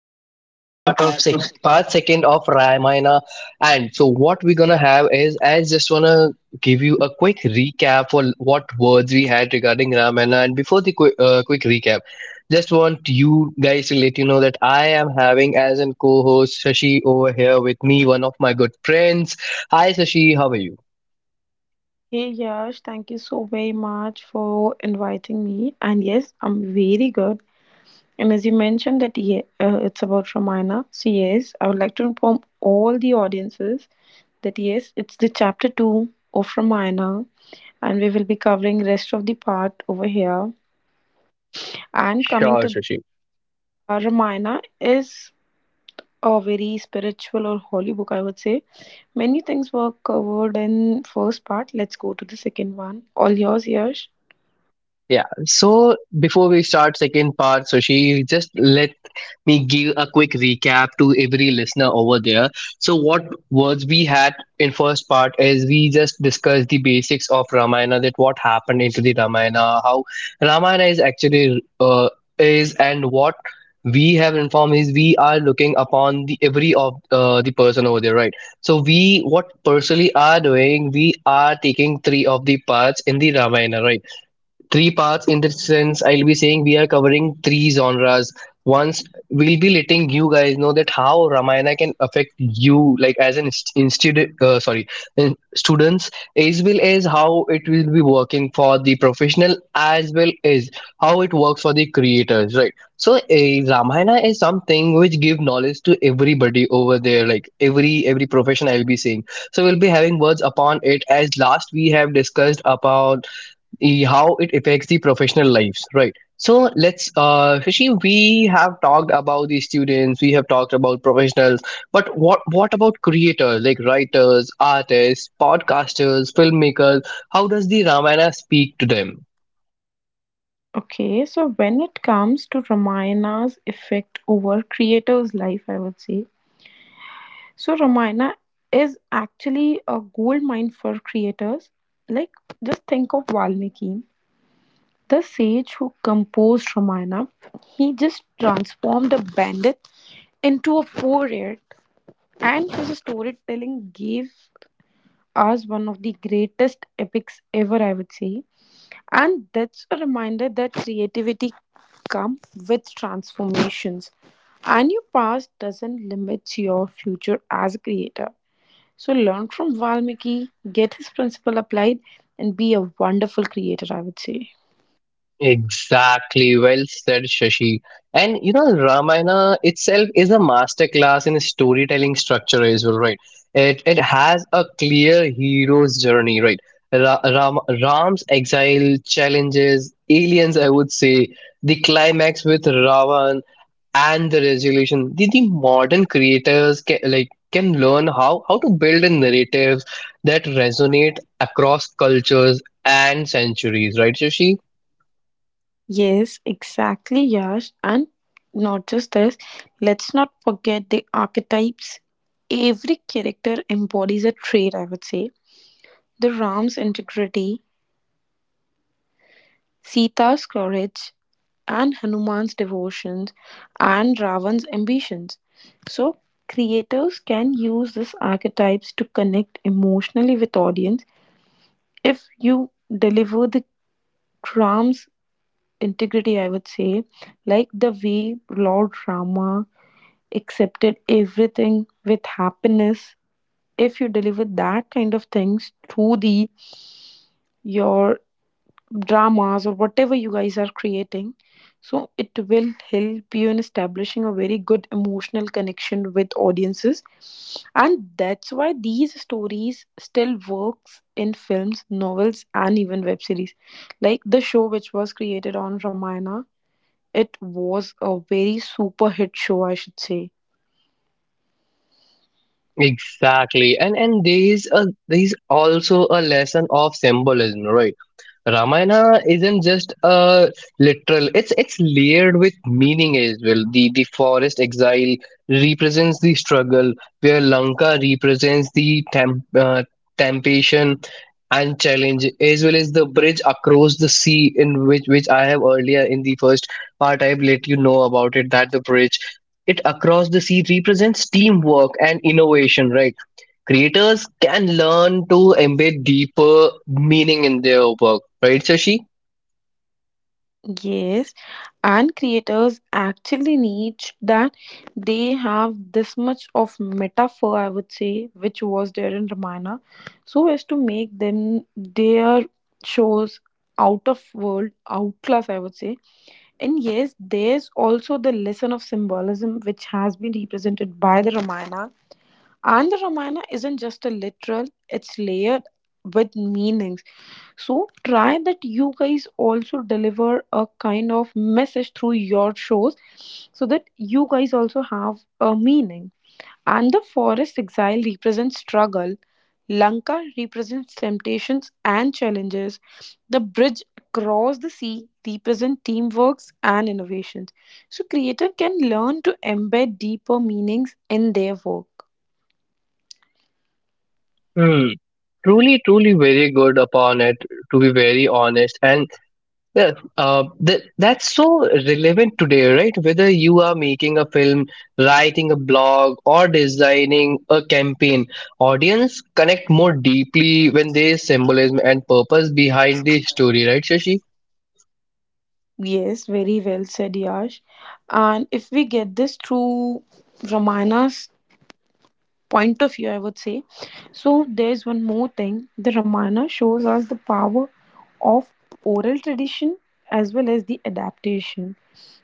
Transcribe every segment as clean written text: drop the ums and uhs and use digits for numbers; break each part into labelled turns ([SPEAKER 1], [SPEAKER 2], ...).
[SPEAKER 1] it's just a part of
[SPEAKER 2] A part of.
[SPEAKER 1] part second of Ramayana. And so, what we're gonna have is, I just wanna give you a quick recap for what words we had regarding Ramayana. And before the quick recap, just want you guys to let you know that I am having as an co-host Shashi over here with me, one of my good friends. Hi, Sashi. How are you?
[SPEAKER 2] Hey Yash, thank you so very much for inviting me. And yes, I'm very good. And as you mentioned that yeah, it's about Ramayana. So yes, I would like to inform all the audiences that yes, it's the chapter two of Ramayana, and we will be covering rest of the part over here. And coming
[SPEAKER 1] Sure,
[SPEAKER 2] to
[SPEAKER 1] Sushi.
[SPEAKER 2] Ramayana is a very spiritual or holy book, I would say. Many things were covered in first part. Let's go to the second one. All yours, Yash.
[SPEAKER 1] Yeah. So before we start second part, Sushi, just let me give a quick recap to every listener over there. So what words we had in first part is we just discussed the basics of Ramayana, that what happened into the Ramayana, how Ramayana is actually is, and what we have informed is we are looking upon the every of the person over there, right? So we what personally are doing, we are taking three of the parts in the Ramayana, right? Three parts in this sense, I'll be saying we are covering three genres once we'll be letting you guys know that how Ramayana can affect you like as an institute, sorry, in students, as well as how it will be working for the professional as well as how it works for the creators, right? So a Ramayana is something which give knowledge to everybody over there, like every profession, I'll be saying. So we'll be having words upon it. As last we have discussed about how it affects the professional lives, right? So let's, Shashi, we have talked about the students, we have talked about professionals, but what about creators, like writers, artists, podcasters, filmmakers? How does the Ramayana speak to them?
[SPEAKER 2] Okay, so when it comes to Ramayana's effect over creators' life, I would say so. Ramayana is actually a gold mine for creators. Like, just think of Valmiki, the sage who composed Ramayana. He just transformed a bandit into a poet, and his storytelling gave us one of the greatest epics ever, I would say. And that's a reminder that creativity comes with transformations. And your past doesn't limit your future as a creator. So learn from Valmiki, get his principle applied, and be a wonderful creator, I would say.
[SPEAKER 1] Exactly, well said, Shashi. And you know, Ramayana itself is a masterclass in storytelling structure as well, right? It has a clear hero's journey, right? Ram's exile, challenges, aliens, I would say, the climax with Ravan and the resolution. The modern creators can can learn how to build in narratives that resonate across cultures and centuries, right, Shashi?
[SPEAKER 2] Yes, exactly, Yash. And not just this, let's not forget the archetypes. Every character embodies a trait, I would say. The Ram's integrity, Sita's courage and Hanuman's devotions, and Ravan's ambitions. So creators can use these archetypes to connect emotionally with audience if you deliver the Ram's integrity, I would say, like the way Lord Rama accepted everything with happiness. If you deliver that kind of things through the your dramas or whatever you guys are creating, so it will help you in establishing a very good emotional connection with audiences. And that's why these stories still works in films, novels and even web series like the show which was created on Ramayana. It was a very super hit show, I should say.
[SPEAKER 1] Exactly. And there is also a lesson of symbolism, right? Ramayana isn't just a literal; it's layered with meaning as well. The forest exile represents the struggle, where Lanka represents the temptation and challenge, as well as the bridge across the sea, in which I have earlier in the first part I've let you know about it. That the bridge it across the sea represents teamwork and innovation, right? Creators can learn to embed deeper meaning in their work, right, Sashi?
[SPEAKER 2] Yes, and creators actually need that they have this much of metaphor, I would say, which was there in Ramayana, so as to make them their shows out of world, outclass, I would say. And yes, there's also the lesson of symbolism which has been represented by the Ramayana. And the Ramayana isn't just a literal, it's layered with meanings, so try that you guys also deliver a kind of message through your shows so that you guys also have a meaning. And the forest exile represents struggle, Lanka represents temptations and challenges, the bridge across the sea represents teamworks and innovations. So creator can learn to embed deeper meanings in their work.
[SPEAKER 1] Hmm. Truly, truly very good upon it, to be very honest. And yeah, that's so relevant today, right? Whether you are making a film, writing a blog, or designing a campaign, audience connect more deeply when there is symbolism and purpose behind the story, right, Shashi?
[SPEAKER 2] Yes, very well said, Yash. And if we get this through Ramayana's point of view, I would say, so there's one more thing. The Ramayana shows us the power of oral tradition as well as the adaptation.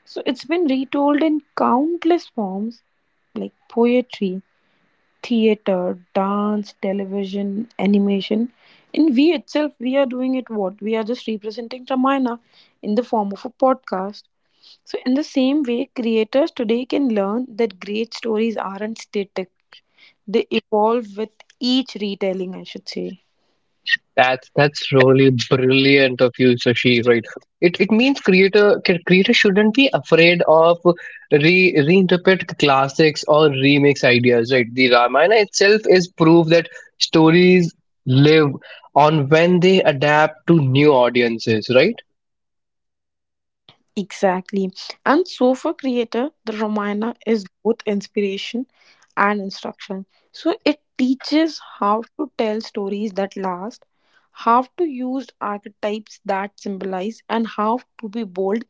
[SPEAKER 2] So it's been retold in countless forms like poetry, theater, dance, television, animation. And we itself, we are doing it, what? We are just representing Ramayana in the form of a podcast. So, in the same way, creators today can learn that great stories aren't static, they evolve with each retelling, I should say.
[SPEAKER 1] That's really brilliant of you, Sashi. Right? It means creator shouldn't be afraid of re reinterpret classics or remix ideas. Right? The Ramayana itself is proof that stories live on when they adapt to new audiences. Right?
[SPEAKER 2] Exactly. And so, for creator, the Ramayana is both inspiration and instruction. So, it teaches how to tell stories that last, how to use archetypes that symbolize, and how to be bold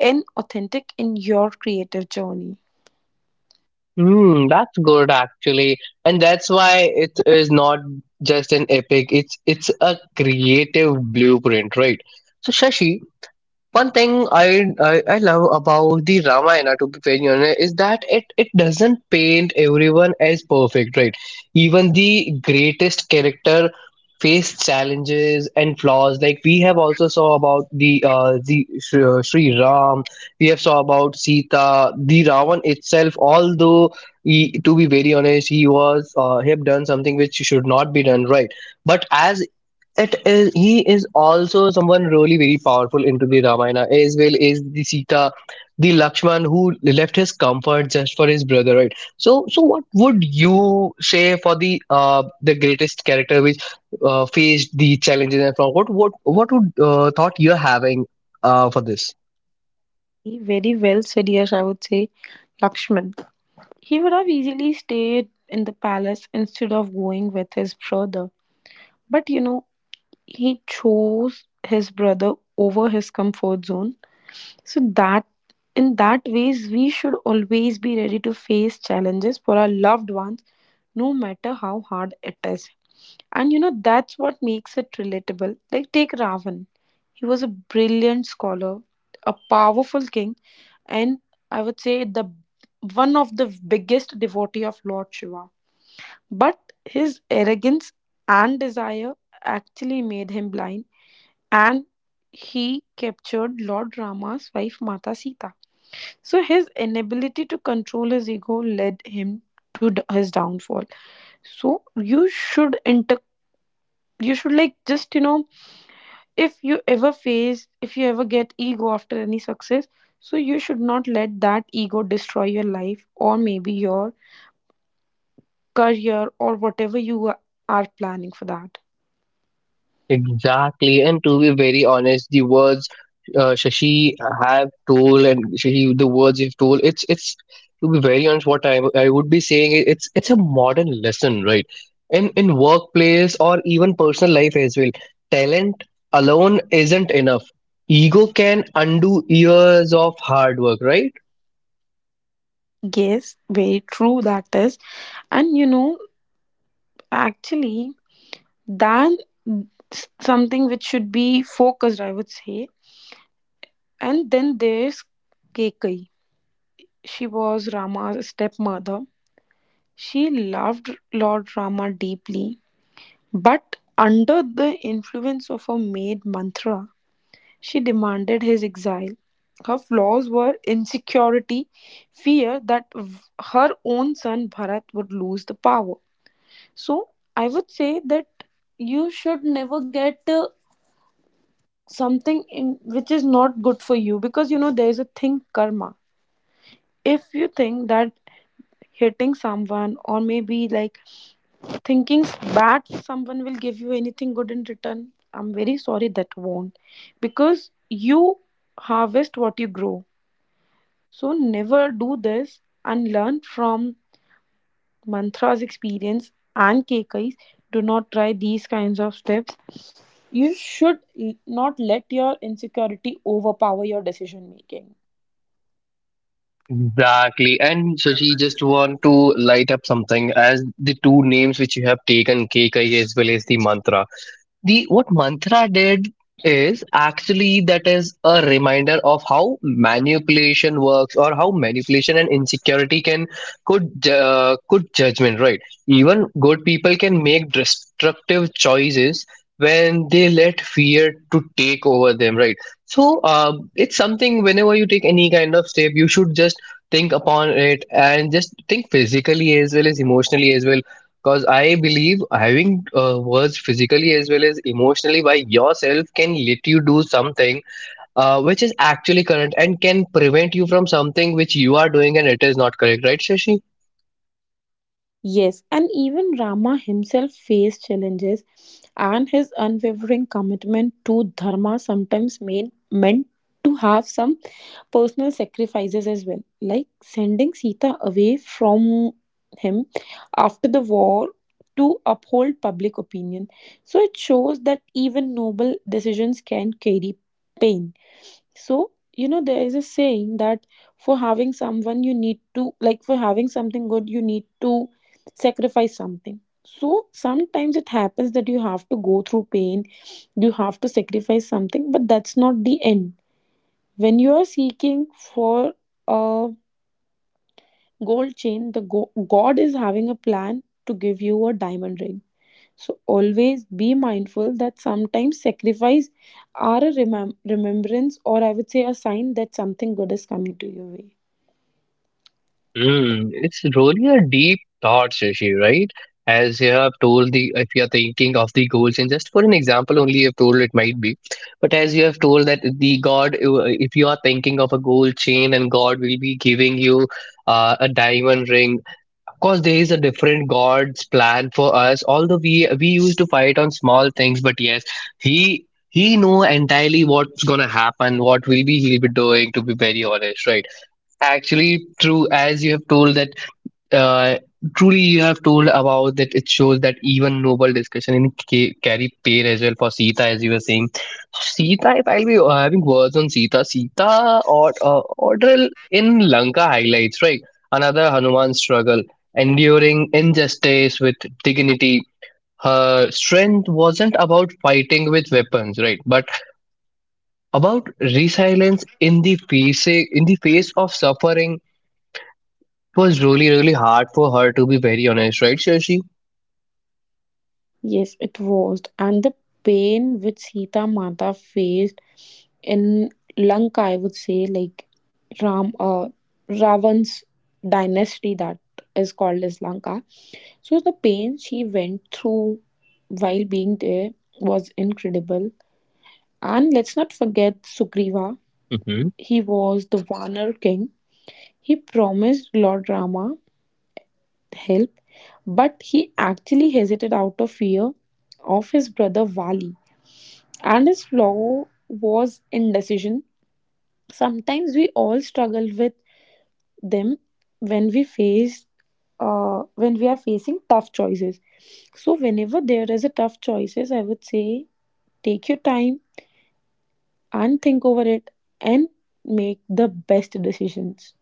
[SPEAKER 2] and authentic in your creative journey.
[SPEAKER 1] Hmm. That's good actually, and that's why it is not just an epic. It's a creative blueprint. Right? So Shashi, one thing I love about the Ramayana, to be very honest, is that it doesn't paint everyone as perfect, right? Even the greatest character face challenges and flaws. Like we have also saw about the Sri Sri Ram, we have saw about Sita, the Ravan itself. Although he, to be very honest, he have done something which should not be done, right? But as it is, he is also someone really very powerful into the Ramayana, as well as the Sita, the Lakshman, who left his comfort just for his brother, right? So what would you say for the greatest character which faced the challenges, and from what would thought you're having for this?
[SPEAKER 2] Very well said, yes, I would say, Lakshman. He would have easily stayed in the palace instead of going with his brother. But you know, he chose his brother over his comfort zone. So that in that ways we should always be ready to face challenges for our loved ones no matter how hard it is. And you know that's what makes it relatable. Like take Ravan. He was a brilliant scholar, a powerful king, and I would say the one of the biggest devotee of Lord Shiva, but his arrogance and desire actually made him blind, and he captured Lord Rama's wife Mata Sita. So his inability to control his ego led him to his downfall. So you should inter you should, like, just you know, if you ever face if you ever get ego after any success, so you should not let that ego destroy your life or maybe your career or whatever you are planning for that.
[SPEAKER 1] Exactly, and to be very honest, the words Shashi have told, and Shashi, the words you've told, it's to be very honest, what I would be saying is it's a modern lesson, right? In workplace or even personal life as well, talent alone isn't enough. Ego can undo years of hard work, right?
[SPEAKER 2] Yes, very true that is. And you know, actually, then something which should be focused, I would say. And then there's Kekai. She was Rama's stepmother. She loved Lord Rama deeply, but under the influence of her maid Mantra, she demanded his exile. Her flaws were insecurity, fear that her own son Bharat would lose the power. So I would say that you should never get something in which is not good for you because you know there is a thing karma. If you think that hitting someone or maybe like thinking bad someone will give you anything good in return, I'm very sorry that won't, because you harvest what you grow. So never do this and learn from Mantra's experience and Kekai's. Do not try these kinds of steps. You should not let your insecurity overpower your decision making.
[SPEAKER 1] Exactly. And Shashi, just want to light up something as the two names which you have taken, K K, as well as the mantra. The what mantra did is actually that is a reminder of how manipulation works, or how manipulation and insecurity could judgment, right? Even good people can make destructive choices when they let fear to take over them, right? So it's something, whenever you take any kind of step, you should just think upon it and just think physically as well as emotionally as well, because I believe having words physically as well as emotionally by yourself can let you do something which is actually correct and can prevent you from something which you are doing and it is not correct, right, Shashi?
[SPEAKER 2] Yes, and even Rama himself faced challenges, and his unwavering commitment to dharma sometimes meant to have some personal sacrifices as well, like sending Sita away from him after the war to uphold public opinion. So it shows that even noble decisions can carry pain. So, you know, there is a saying that for having someone, you need to, like, for having something good, you need to sacrifice something. So sometimes it happens that you have to go through pain, you have to sacrifice something, but that's not the end. When you are seeking for a gold chain, the God is having a plan to give you a diamond ring. So always be mindful that sometimes sacrifice are a remembrance or I would say a sign that something good is coming to your way.
[SPEAKER 1] Hmm, it's really a deep thought, Shashi, right? As you have told the, if you are thinking of the goals, and just for an example only, you have told it might be, but as you have told that the God, if you are thinking of a gold chain and God will be giving you a diamond ring, course there is a different god's plan for us, although we used to fight on small things, but yes, he know entirely what's gonna happen, what will be he'll be doing, to be very honest, right? Actually true, as you have told that uh, truly you have told about that. It shows that even noble discussion in carry pain as well for Sita, as you were saying, Sita, if I'll be having words on Sita or ordeal in Lanka, highlights right, another Hanuman struggle, enduring injustice with dignity. Her strength wasn't about fighting with weapons, right, but about resilience in the face of suffering. It was really really hard for her, to be very honest, right, Shashi?
[SPEAKER 2] Yes, it was. And the pain which Sita Mata faced in Lanka, I would say, like Ram, uh, Ravan's dynasty that is called as Lanka. So the pain she went through while being there was incredible. And let's not forget Sugriva.
[SPEAKER 1] Mhm.
[SPEAKER 2] He was the Vanar king. He promised Lord Rama help, but he actually hesitated out of fear of his brother Vali. And his flaw was indecision. Sometimes we all struggle with them when we face when we are facing tough choices. So whenever there is a tough choices, I would say take your time and think over it and make the best decisions.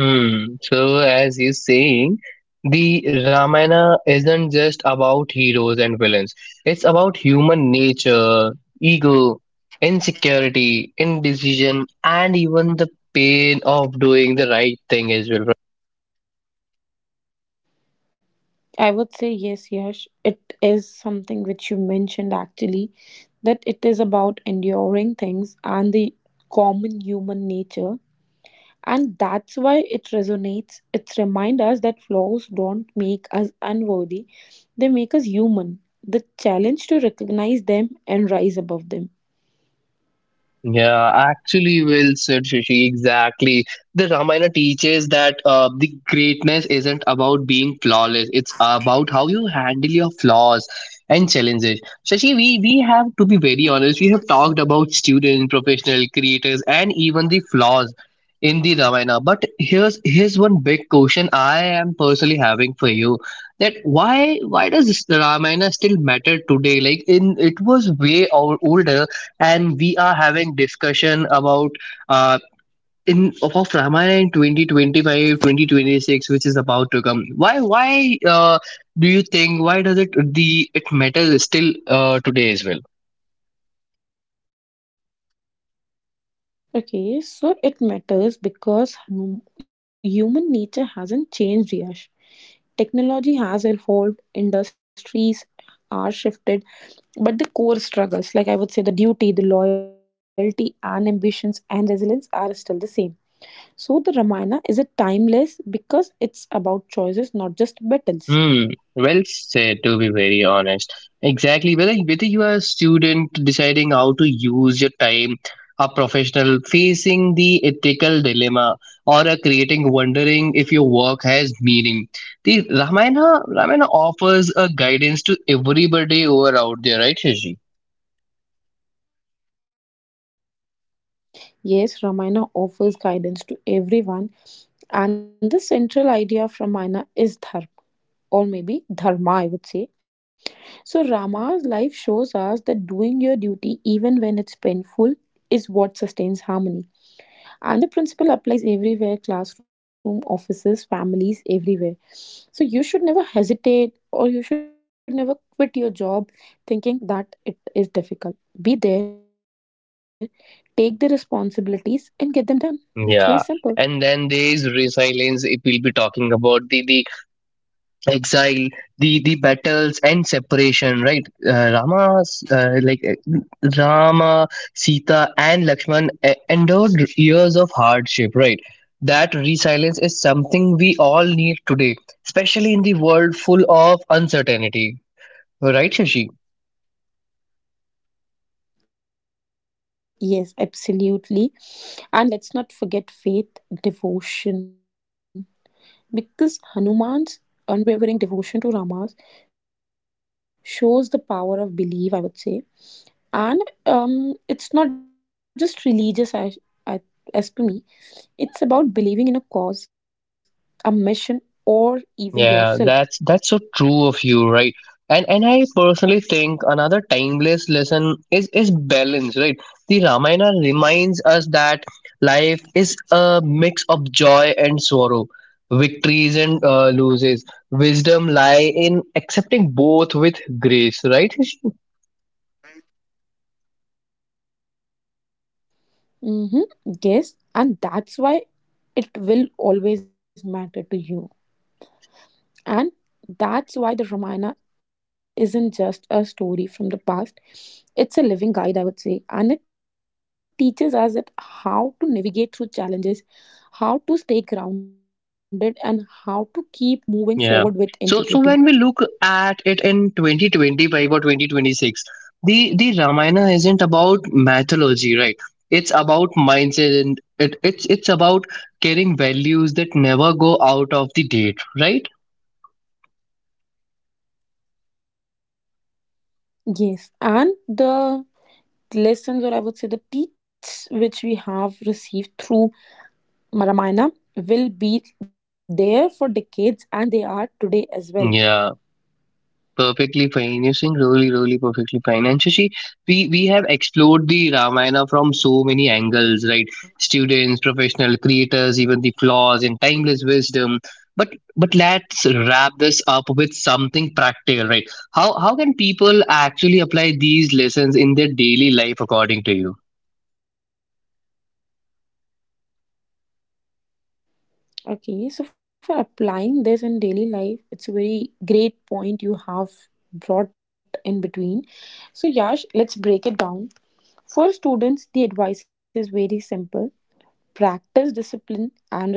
[SPEAKER 1] Hmm. So, as you're saying, the Ramayana isn't just about heroes and villains. It's about human nature, ego, insecurity, indecision, and even the pain of doing the right thing as well.
[SPEAKER 2] I would say yes, Yash. It is something which you mentioned actually that it is about enduring things and the common human nature. And that's why it resonates. It reminds us that flaws don't make us unworthy, they make us human. The challenge to recognize them and rise above them.
[SPEAKER 1] Yeah, actually, well said, Shashi. Exactly. The Ramayana teaches that the greatness isn't about being flawless. It's about how you handle your flaws and challenges. Shashi, we have to be very honest. We have talked about students, professional creators, and even the flaws in the Ramayana. But here's one big question I am personally having for you. That why does this Ramayana still matter today? Like in it was way older and we are having discussion about uh, in of Ramayana in 2025 2026, which is about to come. Why do you think why does it the it matters still today as well?
[SPEAKER 2] Okay, so it matters because human nature hasn't changed, Yash. Technology has evolved, industries are shifted, but the core struggles, like I would say the duty, the loyalty, and ambitions and resilience, are still the same. So the Ramayana is a timeless because it's about choices, not just battles.
[SPEAKER 1] Hmm, well said, to be very honest. Exactly. Whether you are a student deciding how to use your time, a professional facing the ethical dilemma, or a creating wondering if your work has meaning. The Ramayana offers a guidance to everybody who are out there, right, Shashi?
[SPEAKER 2] Yes, Ramayana offers guidance to everyone, and the central idea of Ramayana is dharma, or maybe dharma, I would say. So, Rama's life shows us that doing your duty, even when it's painful, is what sustains harmony. And the principle applies everywhere: classroom, offices, families, everywhere. So you should never hesitate or you should never quit your job thinking that it is difficult. Be there, take the responsibilities, and get them done. It's very simple.
[SPEAKER 1] Yeah. And then there is resilience. If we will be talking about the exile, the battles and separation, right? Uh, like uh, Rama, Sita and Lakshman endured years of hardship, right? That resilience is something we all need today, especially in the world full of uncertainty, right, Shashi?
[SPEAKER 2] Yes, absolutely. And let's not forget faith, devotion. Because Hanuman's unwavering devotion to Rama's shows the power of belief, I would say. And it's not just religious. I, as per me, it's about believing in a cause, a mission or even yourself.
[SPEAKER 1] Yeah, that's so true of you, right? And I personally think another timeless lesson is balance, right? The Ramayana reminds us that life is a mix of joy and sorrow, victories and losses. Wisdom lie in accepting both with grace, right?
[SPEAKER 2] Hmm, yes, and that's why it will always matter to you. And that's why the Ramayana isn't just a story from the past. It's a living guide, I would say, and it teaches us that how to navigate through challenges, how to stay grounded, and how to keep moving forward with integrity.
[SPEAKER 1] Yeah. So when we look at it in 2025 or 2026, the Ramayana isn't about mythology, right? It's about mindset, and it's about carrying values that never go out of the date, right?
[SPEAKER 2] Yes, and the lessons, or I would say the teach which we have received through Ramayana will be there for decades and they are today as well.
[SPEAKER 1] Yeah. Perfectly fine. You're saying really, really perfectly fine. And Shashi, we have explored the Ramayana from so many angles, right? Students, professional creators, even the flaws and timeless wisdom. But but let's wrap this up with something practical, right? How can people actually apply these lessons in their daily life according to you?
[SPEAKER 2] Okay, so for applying this in daily life, it's a very great point you have brought in between. So, Yash, let's break it down. For students, the advice is very simple: practice discipline and resilience. Like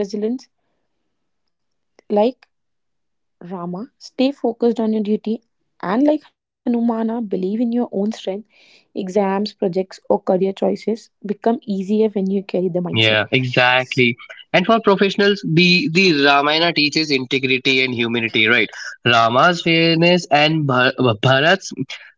[SPEAKER 2] Rama, stay focused on your duty, and like Hanumana, believe in your own strength. Exams, projects, or career choices become easier when you carry the mindset.
[SPEAKER 1] Yeah, exactly. And for professionals, the Ramayana teaches integrity and humanity, right? Rama's fairness and Bharat's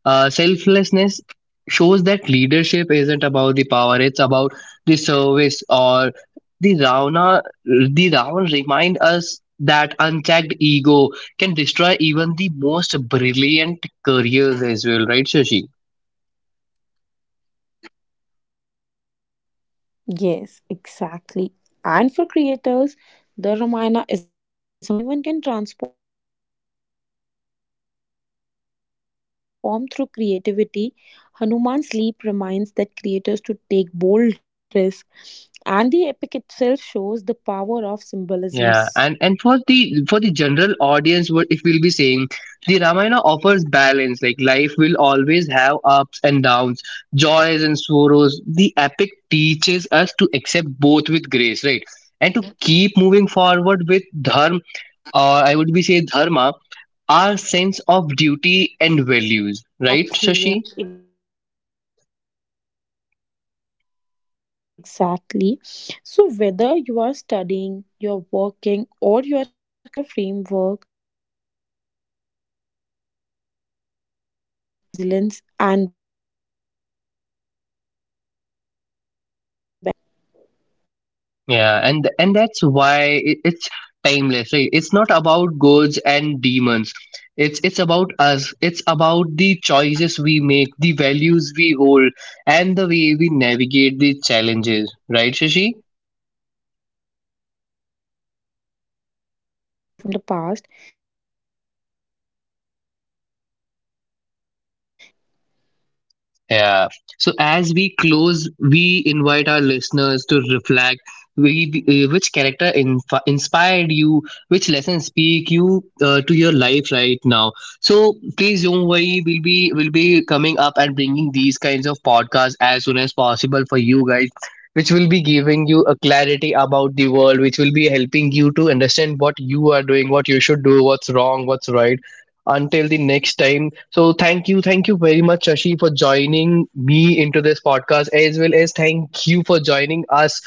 [SPEAKER 1] selflessness shows that leadership isn't about the power, it's about the service. Or the Ravana, remind us that unchecked ego can destroy even the most brilliant careers as well, right, Shashi?
[SPEAKER 2] Yes, exactly. And for creators, the Ramayana is a masterclass in storytelling because Valmiki shows that anyone can transform through creativity. Hanuman's leap reminds that creators to take bold risks, and the epic itself shows the power of symbolisms.
[SPEAKER 1] Yeah, and for the general audience, what if we'll be saying the Ramayana offers balance. Like life will always have ups and downs, joys and sorrows. The epic teaches us to accept both with grace, right? And to keep moving forward with dharma, or I would be say dharma, our sense of duty and values, right,
[SPEAKER 2] Exactly,
[SPEAKER 1] Shashi?
[SPEAKER 2] yes, exactly. So, whether you are studying, you're working, or you are creating, or just living a day to day life, the Ramayana gives you a framework: discipline, humanity, courage, resilience, and balance.
[SPEAKER 1] Yeah, and that's why it's timeless, right? It's not about gods and demons. It's about us. It's about the choices we make, the values we hold, and the way we navigate the challenges, right, Shashi?
[SPEAKER 2] Very well said, Yash. And the Ramayana isn't just a story from the past, it's a guidebook for the present and the future.
[SPEAKER 1] Yeah. So as we close, we invite our listeners to reflect which character inspired you, which lessons speak you to your life right now. So please don't worry, we'll be coming up and bringing these kinds of podcasts as soon as possible for you guys, which will be giving you a clarity about the world, which will be helping you to understand what you are doing, what you should do, what's wrong, what's right. Until the next time, so thank you very much, Shashi, for joining me into this podcast, as well as thank you for joining us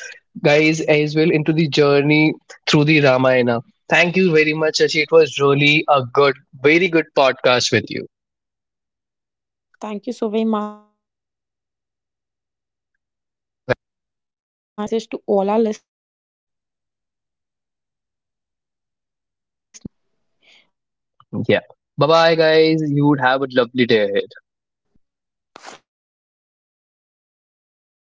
[SPEAKER 1] guys as well into the journey through the Ramayana. Thank you very much, Shashi. It was really a good, very good podcast with you.
[SPEAKER 2] And thank you so very much for inviting you. And before we wrap this up, a message to all our listeners: remember, wisdom isn't about memorizing verses,
[SPEAKER 1] Yeah.
[SPEAKER 2] it's
[SPEAKER 1] Bye
[SPEAKER 2] about living
[SPEAKER 1] bye,
[SPEAKER 2] the
[SPEAKER 1] guys. You
[SPEAKER 2] values.
[SPEAKER 1] would have a lovely day.
[SPEAKER 2] Okay, guys, thank you for joining us today. Bye bye.